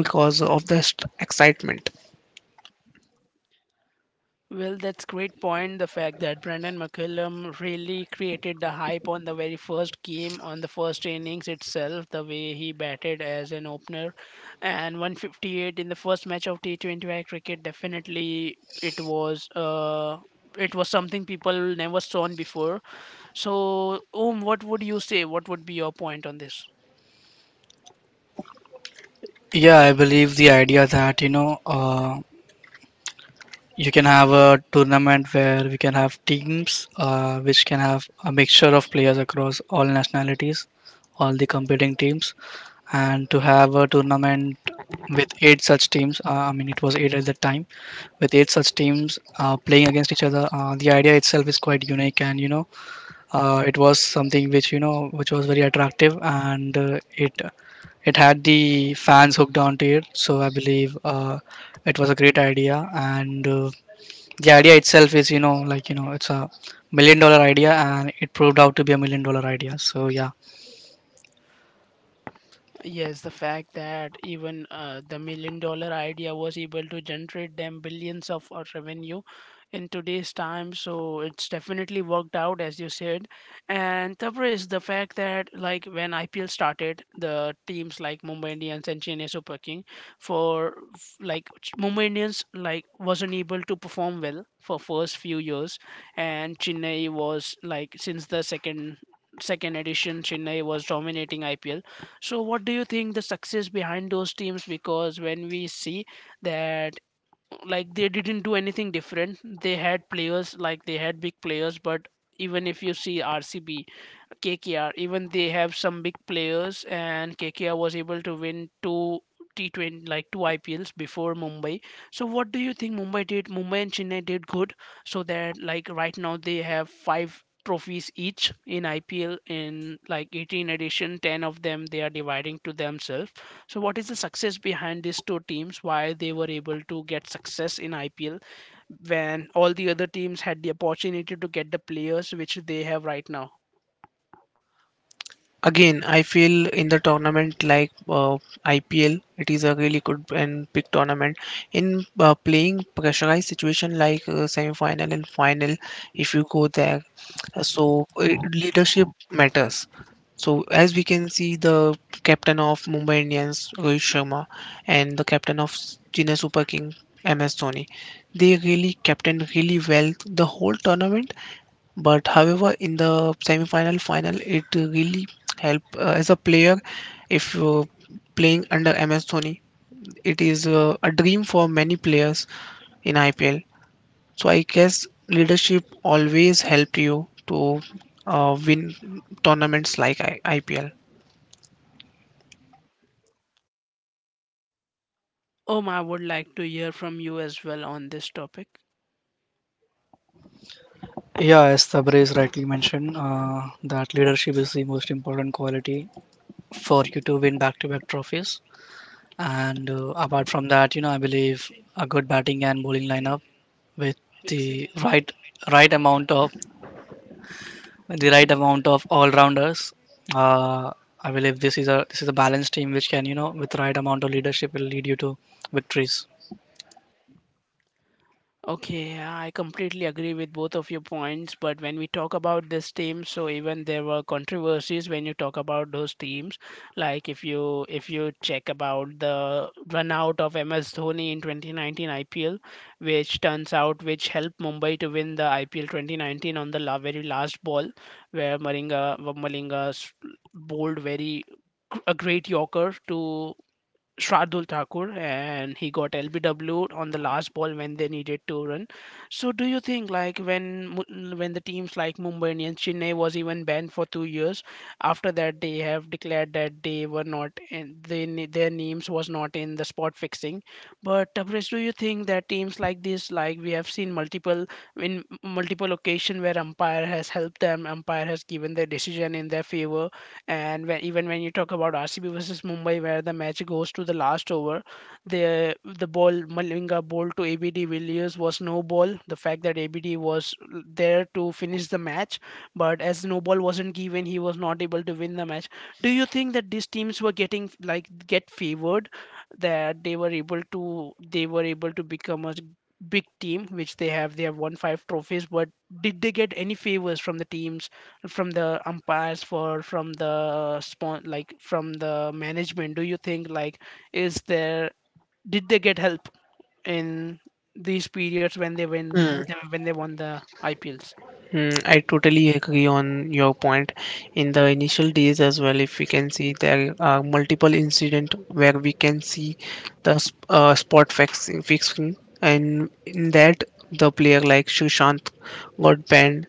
Speaker 3: because of the excitement.
Speaker 1: Well, that's great point. The fact that Brandon McCullum really created the hype on the very first game, on the first innings itself, the way he batted as an opener, and 158 in the first match of T20 cricket, definitely it was something people never saw before. So, Om, what would you say? What would be your point on this?
Speaker 2: Yeah, I believe the idea that you know. You can have a tournament where we can have teams which can have a mixture of players across all nationalities, all the competing teams, and to have a tournament with eight such teams. I mean, it was eight at the time, with eight such teams playing against each other. The idea itself is quite unique, and it was something which which was very attractive, and it had the fans hooked onto it. So I believe it was a great idea, and the idea itself is it's a million dollar idea, and it proved out to be a million dollar idea, so yeah.
Speaker 1: Yes, the fact that even the million-dollar idea was able to generate them billions of revenue in today's time. So it's definitely worked out, as you said. And Tabriz, the fact that, like, when IPL started, the teams like Mumbai Indians and Chennai Super King for Mumbai Indians, like, wasn't able to perform well for first few years, and Chennai was, like, since the second edition Chennai was dominating IPL. So, what do you think the success behind those teams? Because when we see that, like, they didn't do anything different, they had players, like, they had big players, but even if you see RCB, KKR. Even they have some big players, and KKR was able to win two T20, like two IPLs before Mumbai. So what do you think Mumbai did? Mumbai and Chennai did good, so that, like, right now they have five trophies each in IPL. In like 18 edition, 10 of them they are dividing to themselves. So what is the success behind these two teams, why they were able to get success in IPL when all the other teams had the opportunity to get the players which they have right now?
Speaker 3: Again, I feel in the tournament like IPL, it is a really good and big tournament. In playing pressurized situation like semi-final and final, if you go there, leadership matters. So as we can see, the captain of Mumbai Indians Rohit Sharma and the captain of Chennai Super King MS Dhoni, they really captained really well the whole tournament, but however in the semi-final final it really help, as a player if playing under MS Dhoni, it is a dream for many players in IPL. So I guess leadership always helped you to win tournaments like IPL.
Speaker 1: I would like to hear from you as well on this topic.
Speaker 2: Yeah, as sabri is rightly mentioned, that leadership is the most important quality for you to win back-to-back trophies, and apart from that, I believe a good batting and bowling lineup with the right amount of the right amount of all-rounders. uh, I believe this is a balanced team which can, with right amount of leadership, will lead you to victories.
Speaker 1: Okay, I completely agree with both of your points. But when we talk about this team, so even there were controversies when you talk about those teams. Like, if you, if you check about the run out of MS Dhoni in 2019 IPL, which turns out, which helped Mumbai to win the IPL 2019 on the very last ball, where Malinga bowled a great yorker to Shardul Thakur, and he got LBW on the last ball when they needed to run. So do you think, like, when when the teams like Mumbai Indians, Chennai was even banned for 2 years. After that, they have declared that they were not in, their names was not in the spot fixing. But Tabrez, do you think that teams like this, like, we have seen multiple, in multiple occasion where umpire has helped them, umpire has given their decision in their favor, and when, even when you talk about RCB versus Mumbai, where the match goes to the last over, the ball Malinga bowled to ABD Villiers was no ball. The fact that ABD was there to finish the match, but as no ball wasn't given, he was not able to win the match. Do you think that these teams were getting, like, get favored, that they were able to, they were able to become a big team, which they have, they have won five trophies, but did they get any favors from the teams, from the umpires, for from the spawn, like from the management? Do you think, like, is there, did they get help in these periods when they win,
Speaker 3: Hmm.
Speaker 1: when they won the IPLs?
Speaker 3: Mm, I
Speaker 1: Of-
Speaker 3: totally agree on your point. In the initial days as well, if we can see there are multiple incident where we can see the spot fixing, fixing, and in that the player like Sushant got banned,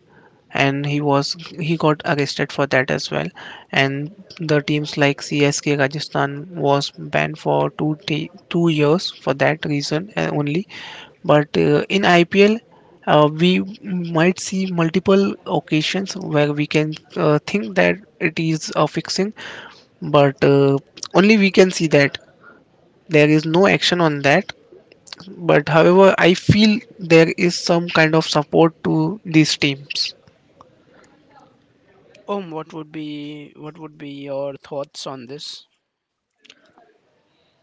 Speaker 3: and he was he got arrested for that as well, and the teams like CSK Rajasthan was banned for 2 years for that reason only. But in IPL we might see multiple occasions where we can think that it is a fixing, but only we can see that there is no action on that. But however I feel there is some kind of support to these teams.
Speaker 1: what would be, what would be your thoughts on this?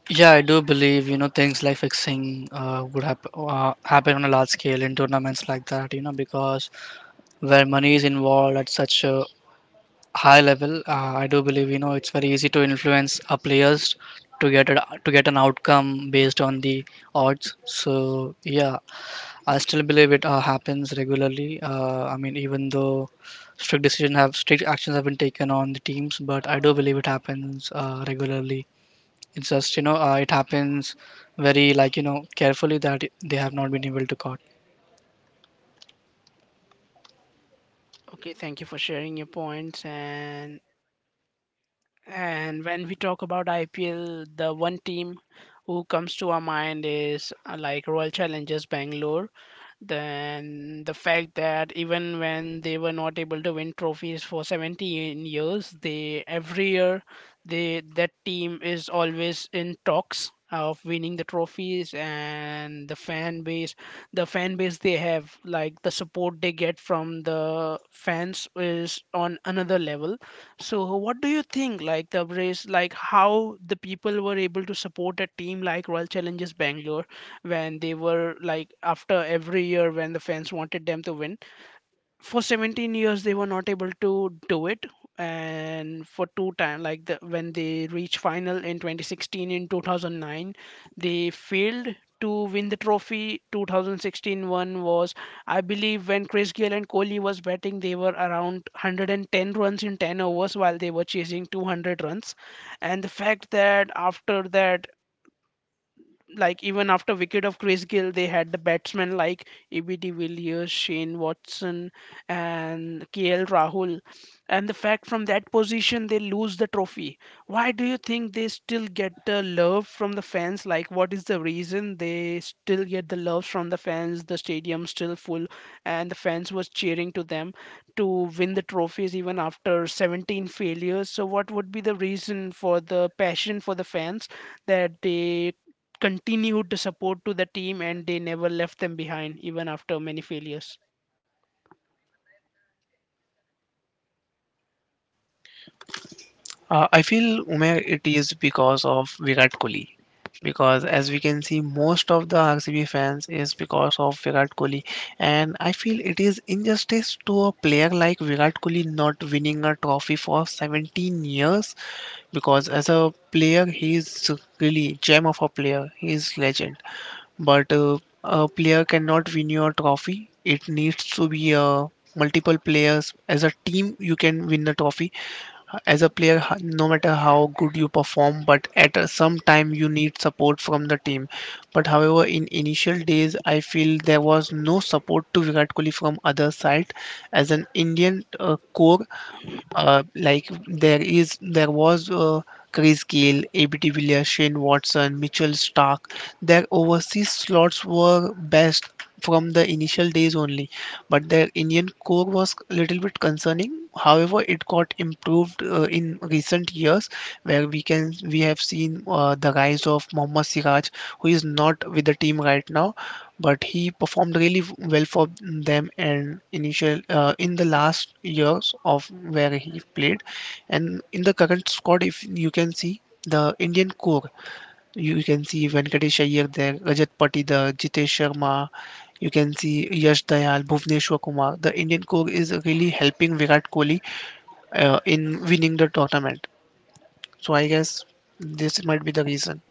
Speaker 2: Yeah, I do believe, you know, things like fixing would happen on a large scale in tournaments like that, you know, because where money is involved at such a high level, I do believe, you know, it's very easy to influence our players to get a, to get an outcome based on the odds. So yeah, I still believe it happens regularly. I mean, even though strict actions have been taken on the teams, but I do believe it happens regularly. It's just it happens very, carefully, that they have not been able to caught.
Speaker 1: Okay, thank you for sharing your points. And when we talk about IPL, the one team who comes to our mind is like Royal Challengers Bangalore. Then the fact that even when they were not able to win trophies for 17 years, they every year, they, that team is always in talks of winning the trophies, and the fan base, the fan base they have, like the support they get from the fans is on another level. So what do you think, like, the race, like, how the people were able to support a team like Royal Challengers Bangalore when they were, like, after every year when the fans wanted them to win, for 17 years they were not able to do it. And for two time, like the, when they reached final in 2016, in 2009 they failed to win the trophy. 2016 one was, I believe, when Chris Gayle and Kohli was batting, they were around 110 runs in 10 overs while they were chasing 200 runs. And the fact that after that, like, even after wicket of Chris Gill, they had the batsmen like ABD Villiers, Shane Watson, and KL Rahul. And the fact, from that position they lose the trophy. Why do you think they still get the love from the fans? Like, what is the reason they still get the love from the fans? The stadium still full, and the fans was cheering to them to win the trophies even after 17 failures. So, what would be the reason for the passion for the fans that they continued the support to the team, and they never left them behind even after many failures?
Speaker 3: I feel, Umair, it is because of Virat Kohli. Because as we can see, most of the RCB fans is because of Virat Kohli, and I feel it is injustice to a player like Virat Kohli not winning a trophy for 17 years. Because as a player, he is really gem of a player. He is legend, but a player cannot win your trophy. It needs to be multiple players. As a team, you can win the trophy. As a player, no matter how good you perform, but at some time you need support from the team. But however, in initial days, I feel there was no support to Virat Kohli from other side. As an Indian core, like there was Chris Gayle, ABT Villiers, Shane Watson, Mitchell Stark. Their overseas slots were best from the initial days only, but their Indian core was a little bit concerning. However, it got improved in recent years us, where we have seen the rise of Mohammad Siraj, who is not with the team right now, but he performed really well for them, and initial in the last years of where he played. And in the current squad, if you can see the Indian core, you can see Venkatesh Iyer there, Rajat Patidar, Jitesh Sharma, you can see Yash Dayal, Bhuvneshwar Kumar. The Indian core is really helping Virat Kohli in winning the tournament. So I guess this might be the reason.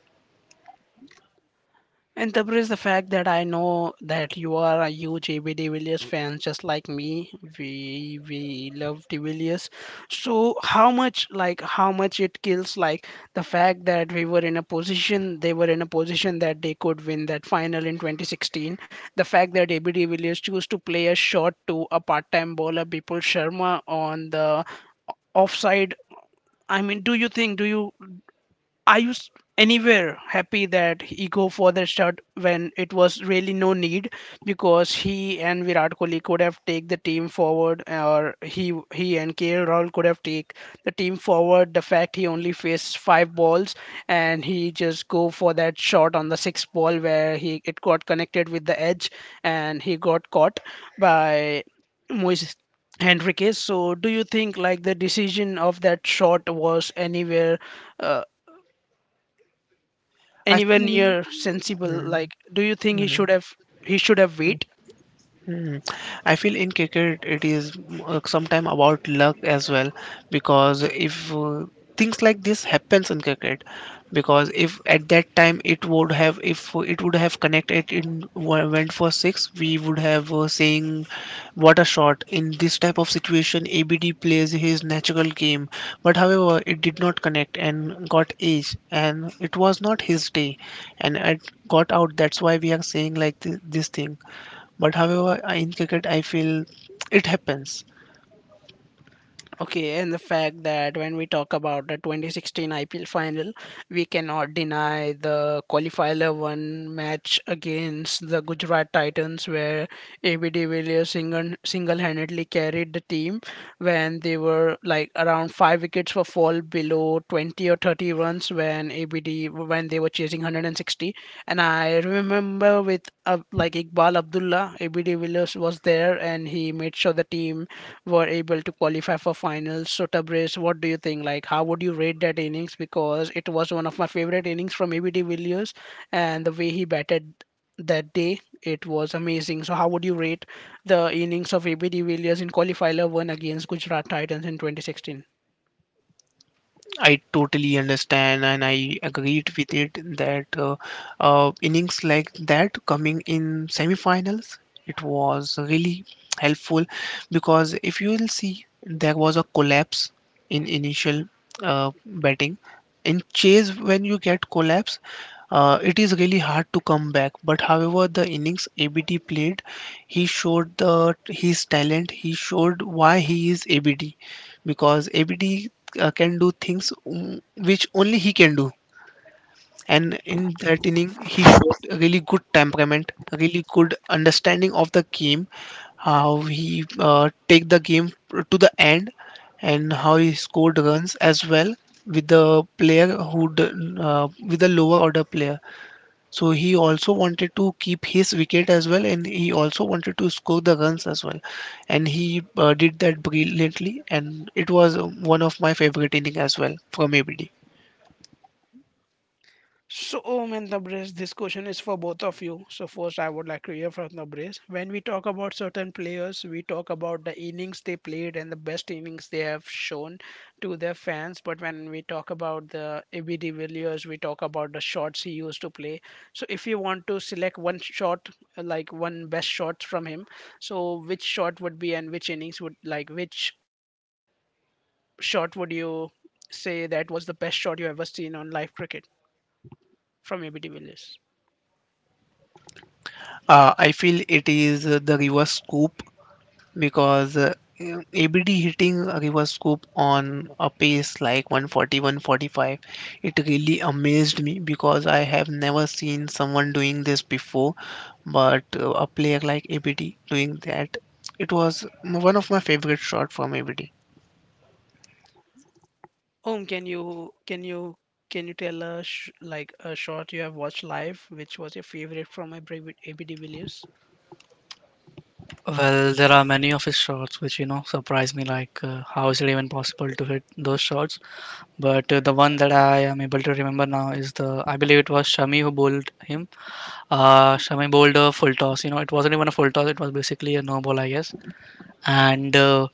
Speaker 1: And there is the fact that I know that you are a huge AB de Villiers fan, just like me. We love de Villiers. So how much, like, how much it kills, like, the fact that we were in a position, they were in a position that they could win that final in 2016. The fact that AB de Villiers chose to play a shot to a part-time bowler Bipul Sharma on the offside, I mean, do you think, do you, are you anywhere happy that he go for the shot when it was really no need, because he and Virat Kohli could have take the team forward, or he and KL Rahul could have take the team forward. The fact he only faced five balls, and he just go for that shot on the sixth ball where he, it got connected with the edge, and he got caught by Moises Henriquez. So do you think, like, the decision of that shot was anywhere, uh,
Speaker 3: I
Speaker 1: anywhere
Speaker 3: feel,
Speaker 1: near sensible?
Speaker 3: Mhm,
Speaker 1: Like, do you think he
Speaker 3: mhm.
Speaker 1: should have, he should have wait?
Speaker 3: Hmm. I feel in cricket it is sometime about luck as well, because if things like this happens in cricket. Because if at that time it would have, if it would have connected in, went for six, we would have saying what a shot. In this type of situation ABD plays his natural game, but however it did not connect and got age, and it was not his day, and it got out. That's why we are saying like this thing. But however, in cricket, I feel it happens.
Speaker 1: Okay, and the fact that when we talk about the 2016 IPL final, we cannot deny the qualifier one match against the Gujarat Titans, where AB de Villiers single-handedly carried the team when they were, like, around five wickets for fall below 20 or 30 runs, when ABD, when they were chasing 160. And I remember with like Iqbal Abdullah, AB de Villiers was there, and he made sure the team were able to qualify for finals. So Tabrez, what do you think? Like, how would you rate that innings? Because it was one of my favorite innings from ABD Villiers, and the way he batted that day, it was amazing. So how would you rate the innings of ABD Villiers in qualifier one against Gujarat Titans in 2016?
Speaker 3: I totally understand and I agreed with it that innings like that coming in semi-finals, it was really helpful because if you will see there was a collapse in initial betting in chase. When you get collapse, it is really hard to come back, but however the innings ABD played, he showed the his talent, he showed why he is ABD, because ABD can do things, which only he can do. And in that inning he showed a really good temperament, a really good understanding of the game, how he take the game to the end, and how he scored runs as well, with the player who with the lower order player. So he also wanted to keep his wicket as well, and he also wanted to score the runs as well. And he did that brilliantly, and it was one of my favorite innings as well from ABD.
Speaker 1: So, Om and Tabriz, this question is for both of you. So, first, I would like to hear from Tabriz. When we talk about certain players, we talk about the innings they played and the best innings they have shown to their fans. But when we talk about the AB de Villiers, we talk about the shots he used to play. So, if you want to select one shot, like one best shot from him, so which shot would be and which innings would, like, which shot would you say that was the best shot you have ever seen on live cricket from AB de Villiers?
Speaker 3: I feel it is the reverse scoop, because ABD hitting a river scoop on a pace like 140 145, it really amazed me because I have never seen someone doing this before. But a player like ABD doing that, it was one of my favorite shots from ABD.
Speaker 1: Um, can you can you can you tell us like a short you have watched live, which was your favorite from AB de Villiers?
Speaker 2: Well, there are many of his shots which surprise me. Like how is it even possible to hit those shots? But the one that I am able to remember now is the, I believe it was Shami who bowled him. Shami bowled a full toss. You know, it wasn't even a full toss. It was basically a no ball, I guess. And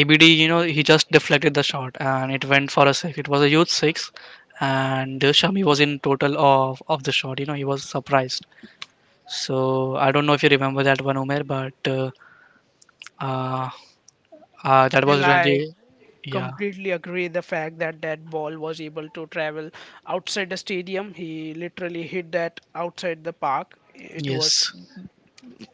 Speaker 2: ABD, you know, he just deflected the shot and it went for a six. It was a huge six, and Shami was in total of the shot. You know, he was surprised. So I don't know if you remember that one, Umer, but uh, that
Speaker 1: Well,
Speaker 2: was
Speaker 1: I
Speaker 2: really, yeah,
Speaker 1: completely agree the fact that that ball was able to travel outside the stadium. He literally hit that outside the park. It was
Speaker 2: yes.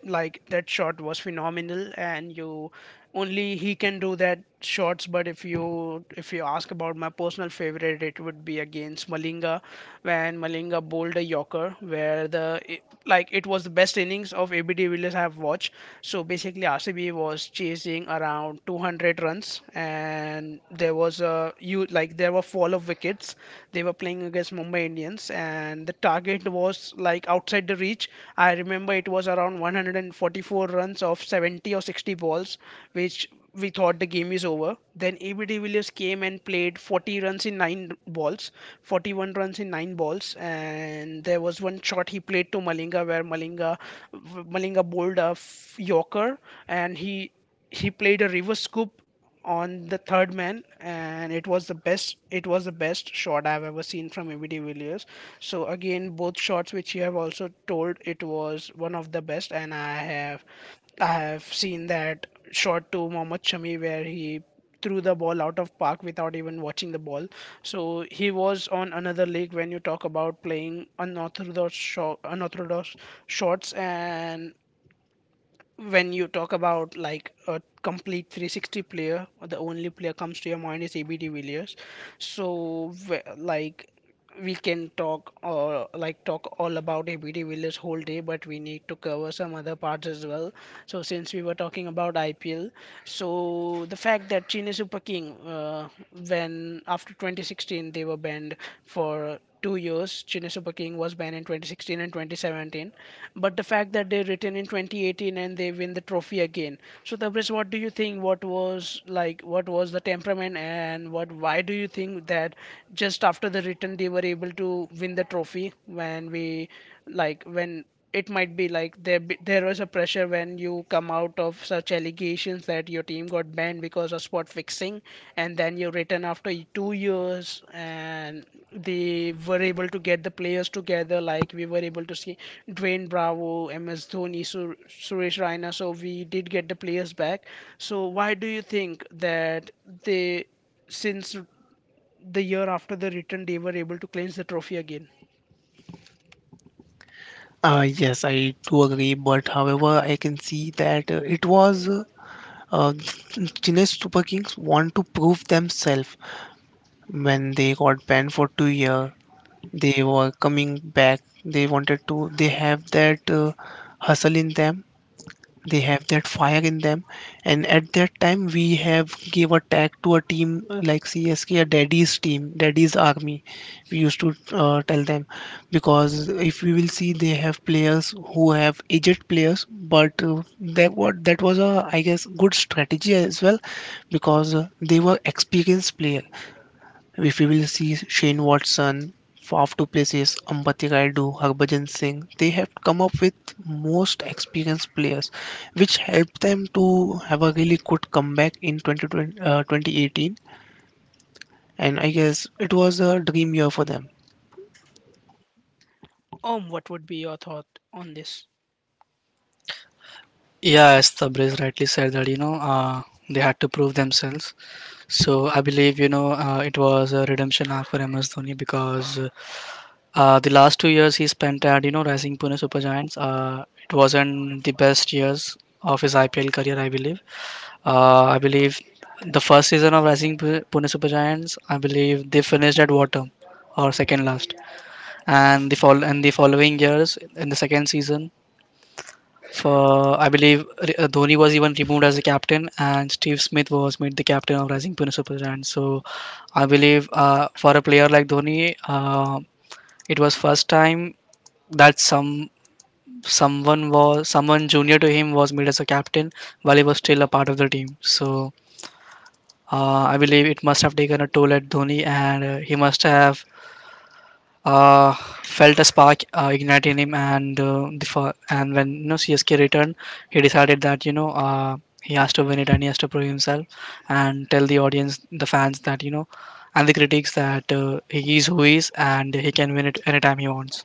Speaker 1: like that shot was phenomenal, and you only he can do that shots. But if you ask about my personal favorite, it would be against Malinga when Malinga bowled a yorker where like it was the best innings of ABD Villiers I have watched. So basically, RCB was chasing around 200 runs, and there was a, you like, there were fall of wickets. They were playing against Mumbai Indians, and the target was like outside the reach. I remember it was around 144 runs of 70 or 60 balls, which we thought the game is over. Then AB de Villiers came and played 40 runs in 9 balls, 41 runs in 9 balls, and there was one shot he played to Malinga where Malinga bowled a Yorker, and he played a reverse scoop on the third man, and it was the best shot I've ever seen from ABD Villiers. So again, both shots which you have also told, it was one of the best, and I have seen that shot to Mohammad Shami where he threw the ball out of park without even watching the ball. So he was on another league. When you talk about playing unorthodox shots, and when you talk about like a complete 360 player, the only player comes to your mind is ABD Villiers. So like, we can talk, or like talk all about ABD Villiers whole day, but we need to cover some other parts as well. So since we were talking about IPL, so the fact that Chine Super King, when after 2016 they were banned for 2 years. Chennai Super King was banned in 2016 and 2017. But the fact that they return in 2018 and they win the trophy again. So Tabriz, what do you think? What was like? What was the temperament and what? Why do you think that just after the return they were able to win the trophy when we like when it might be like there was a pressure when you come out of such allegations that your team got banned because of spot fixing, and then you return after 2 years, and they were able to get the players together. Like we were able to see Dwayne Bravo, MS Dhoni, Suresh Raina, so we did get the players back. So why do you think that they, since the year after the return, they were able to clinch the trophy again?
Speaker 3: yes, I do agree, but however I can see that it was Chennai Super Kings want to prove themselves. When they got banned for 2 years, they were coming back, they wanted to, they have that hustle in them, they have that fire in them. And at that time we have gave a tag to a team like CSK, a daddy's team, daddy's army, we used to tell them. Because if we will see, they have players who have aged players, but that was a, I guess, good strategy as well, because they were experienced player. If we will see Shane Watson, off two places, Ambati Raidu, Harbhajan Singh, they have come up with most experienced players, which helped them to have a really good comeback in 2020, 2018. And I guess it was a dream year for them.
Speaker 1: What would be your thought on this?
Speaker 2: Yeah, as the Breeze rightly said that they had to prove themselves. So I believe, it was a redemption arc for MS Dhoni, because the last 2 years he spent at, you know, Rising Pune Super Giants. It wasn't the best years of his IPL career, I believe. I believe the first season of Pune Super Giants, I believe they finished at bottom or second last, and the fall and the following years, in the second season, for I believe Dhoni was even removed as a captain, and Steve Smith was made the captain of Rising Pune Super Giants. So I believe for a player like Dhoni, it was first time that someone was, someone junior to him was made as a captain while he was still a part of the team. So I believe it must have taken a toll at Dhoni, and he must have uh, felt a spark ignite in him, and and when, you know, CSK returned, he decided that, he has to win it and he has to prove himself, and tell the audience, the fans, that, you know, and the critics, that he is who he is and he can win it anytime he wants.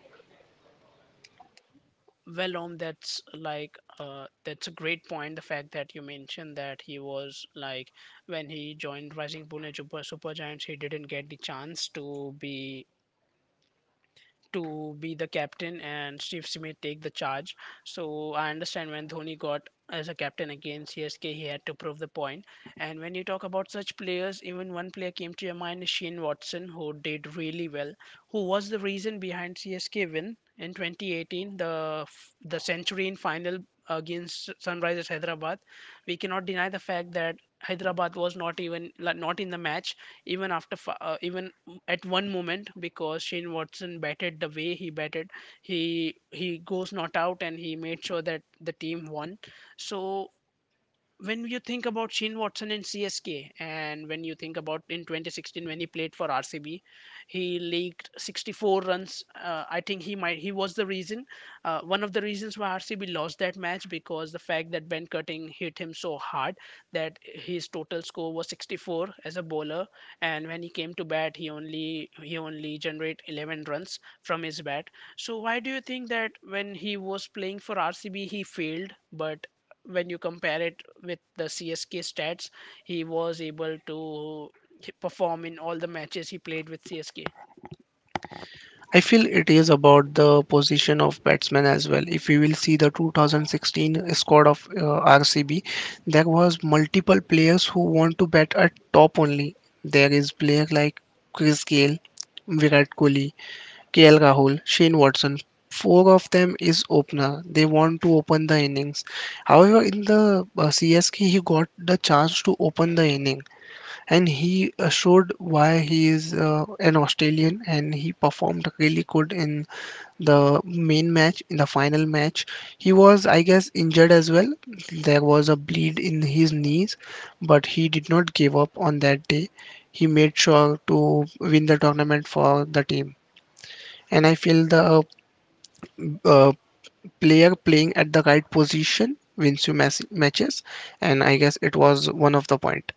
Speaker 1: Well, Om, that's like that's a great point, the fact that you mentioned that he was like when he joined Rising Pune Super Giants he didn't get the chance to be the captain and Steve Smith take the charge. So I understand when Dhoni got as a captain against CSK, he had to prove the point. And when you talk about such players, even one player came to your mind is Shane Watson, who did really well, who was the reason behind CSK win in 2018, the century in final against Sunrisers Hyderabad. We cannot deny the fact that Hyderabad was not even like, not in the match, even after even at one moment, because Shane Watson batted the way he batted. He goes not out, and he made sure that the team won. So when you think about Shane Watson in CSK, and when you think about in 2016 when he played for RCB, he leaked 64 runs. I think he might, he was the reason, one of the reasons why RCB lost that match, because the fact that Ben Cutting hit him so hard that his total score was 64 as a bowler. And when he came to bat, he only generated 11 runs from his bat. So why do you think that when he was playing for RCB, he failed, but when you compare it with the CSK stats, he was able to perform in all the matches he played with CSK.
Speaker 3: I feel it is about the position of batsman as well. If you will see the 2016 squad of RCB, there was multiple players who want to bat at top only. There is player like Chris Gale, Virat Kohli, KL Rahul, Shane Watson. Four of them is opener. They want to open the innings. However, in the CSK, he got the chance to open the inning, and he showed why he is an Australian, and he performed really good in the main match. In the final match he was, I guess, injured as well, there was a bleed in his knees, but he did not give up on that day, he made sure to win the tournament for the team. And I feel the uh, uh, player playing at the right position wins you matches, and I guess it was one of the point.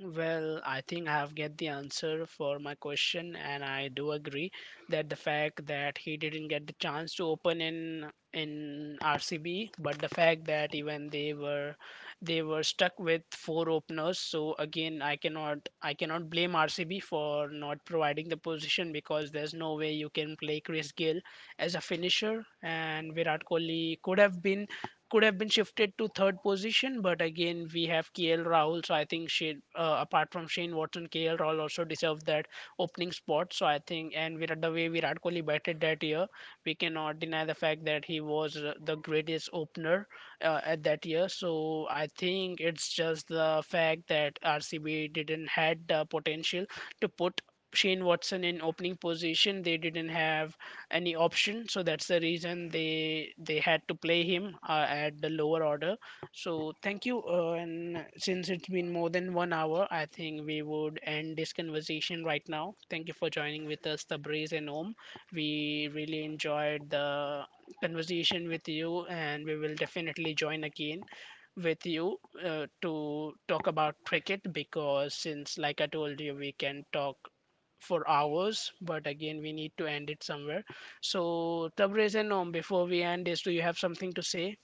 Speaker 1: Well, I think I have get the answer for my question, and I do agree that the fact that he didn't get the chance to open in RCB, but the fact that even they were stuck with four openers. So again, I cannot blame RCB for not providing the position, because there's no way you can play Chris Gill as a finisher, and Virat Kohli could have been shifted to third position, but again we have KL Rahul. So I think she apart from Shane Watson, KL Rahul also deserved that opening spot. So I think, and Virat, the way Virat Kohli batted that year, we cannot deny the fact that he was the greatest opener at that year. So I think it's just the fact that RCB didn't had the potential to put Shane Watson in opening position. They didn't have any option, so that's the reason they had to play him at the lower order. So thank you and since it's been more than 1 hour, I think we would end this conversation right now. Thank you for joining with us, Tabriz and Om. We really enjoyed the conversation with you, and we will definitely join again with you to talk about cricket, because since like I told you, we can talk for hours, but again we need to end it somewhere. So Tabriz and Om, before we end this, do you have something to say?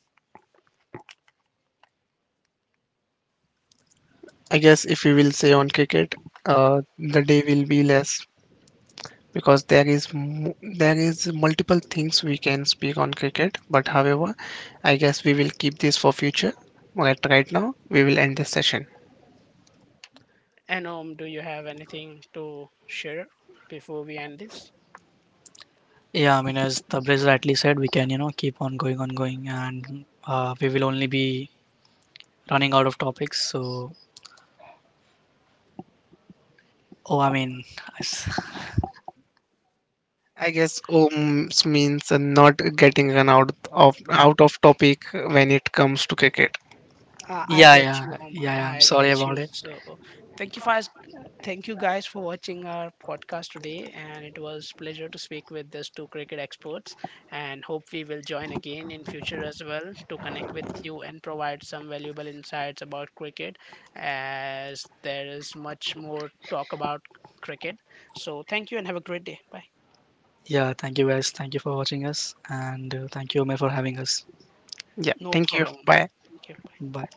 Speaker 3: I guess if we will say on cricket, the day will be less because there is there is multiple things we can speak on cricket. But however, I guess we will keep this for future. But right now, we will end this session.
Speaker 1: And Om, do you have anything to share before we end this?
Speaker 2: Yeah, I mean, as Tabriz rightly said, we can, you know, keep on going, and we will only be running out of topics. So, oh, I mean,
Speaker 3: I guess Ohm's means not getting run out of topic when it comes to cricket.
Speaker 1: I
Speaker 2: yeah,
Speaker 1: get
Speaker 2: yeah,
Speaker 1: you, Oma.
Speaker 2: yeah, yeah. I'm
Speaker 1: I
Speaker 2: sorry
Speaker 1: get
Speaker 2: about
Speaker 1: you.
Speaker 2: it.
Speaker 1: So, thank you for thank you guys for watching our podcast today, and it was pleasure to speak with these two cricket experts. And hope we will join again in future as well to connect with you and provide some valuable insights about cricket, as there is much more talk about cricket. So, thank you and have a great day. Bye.
Speaker 2: Yeah, thank you guys. Thank you for watching us. And thank you, Omer, for having us.
Speaker 3: Yeah.
Speaker 1: No
Speaker 3: Thank you.
Speaker 1: problem.
Speaker 3: Bye.
Speaker 1: Thank you. Bye.
Speaker 2: Bye.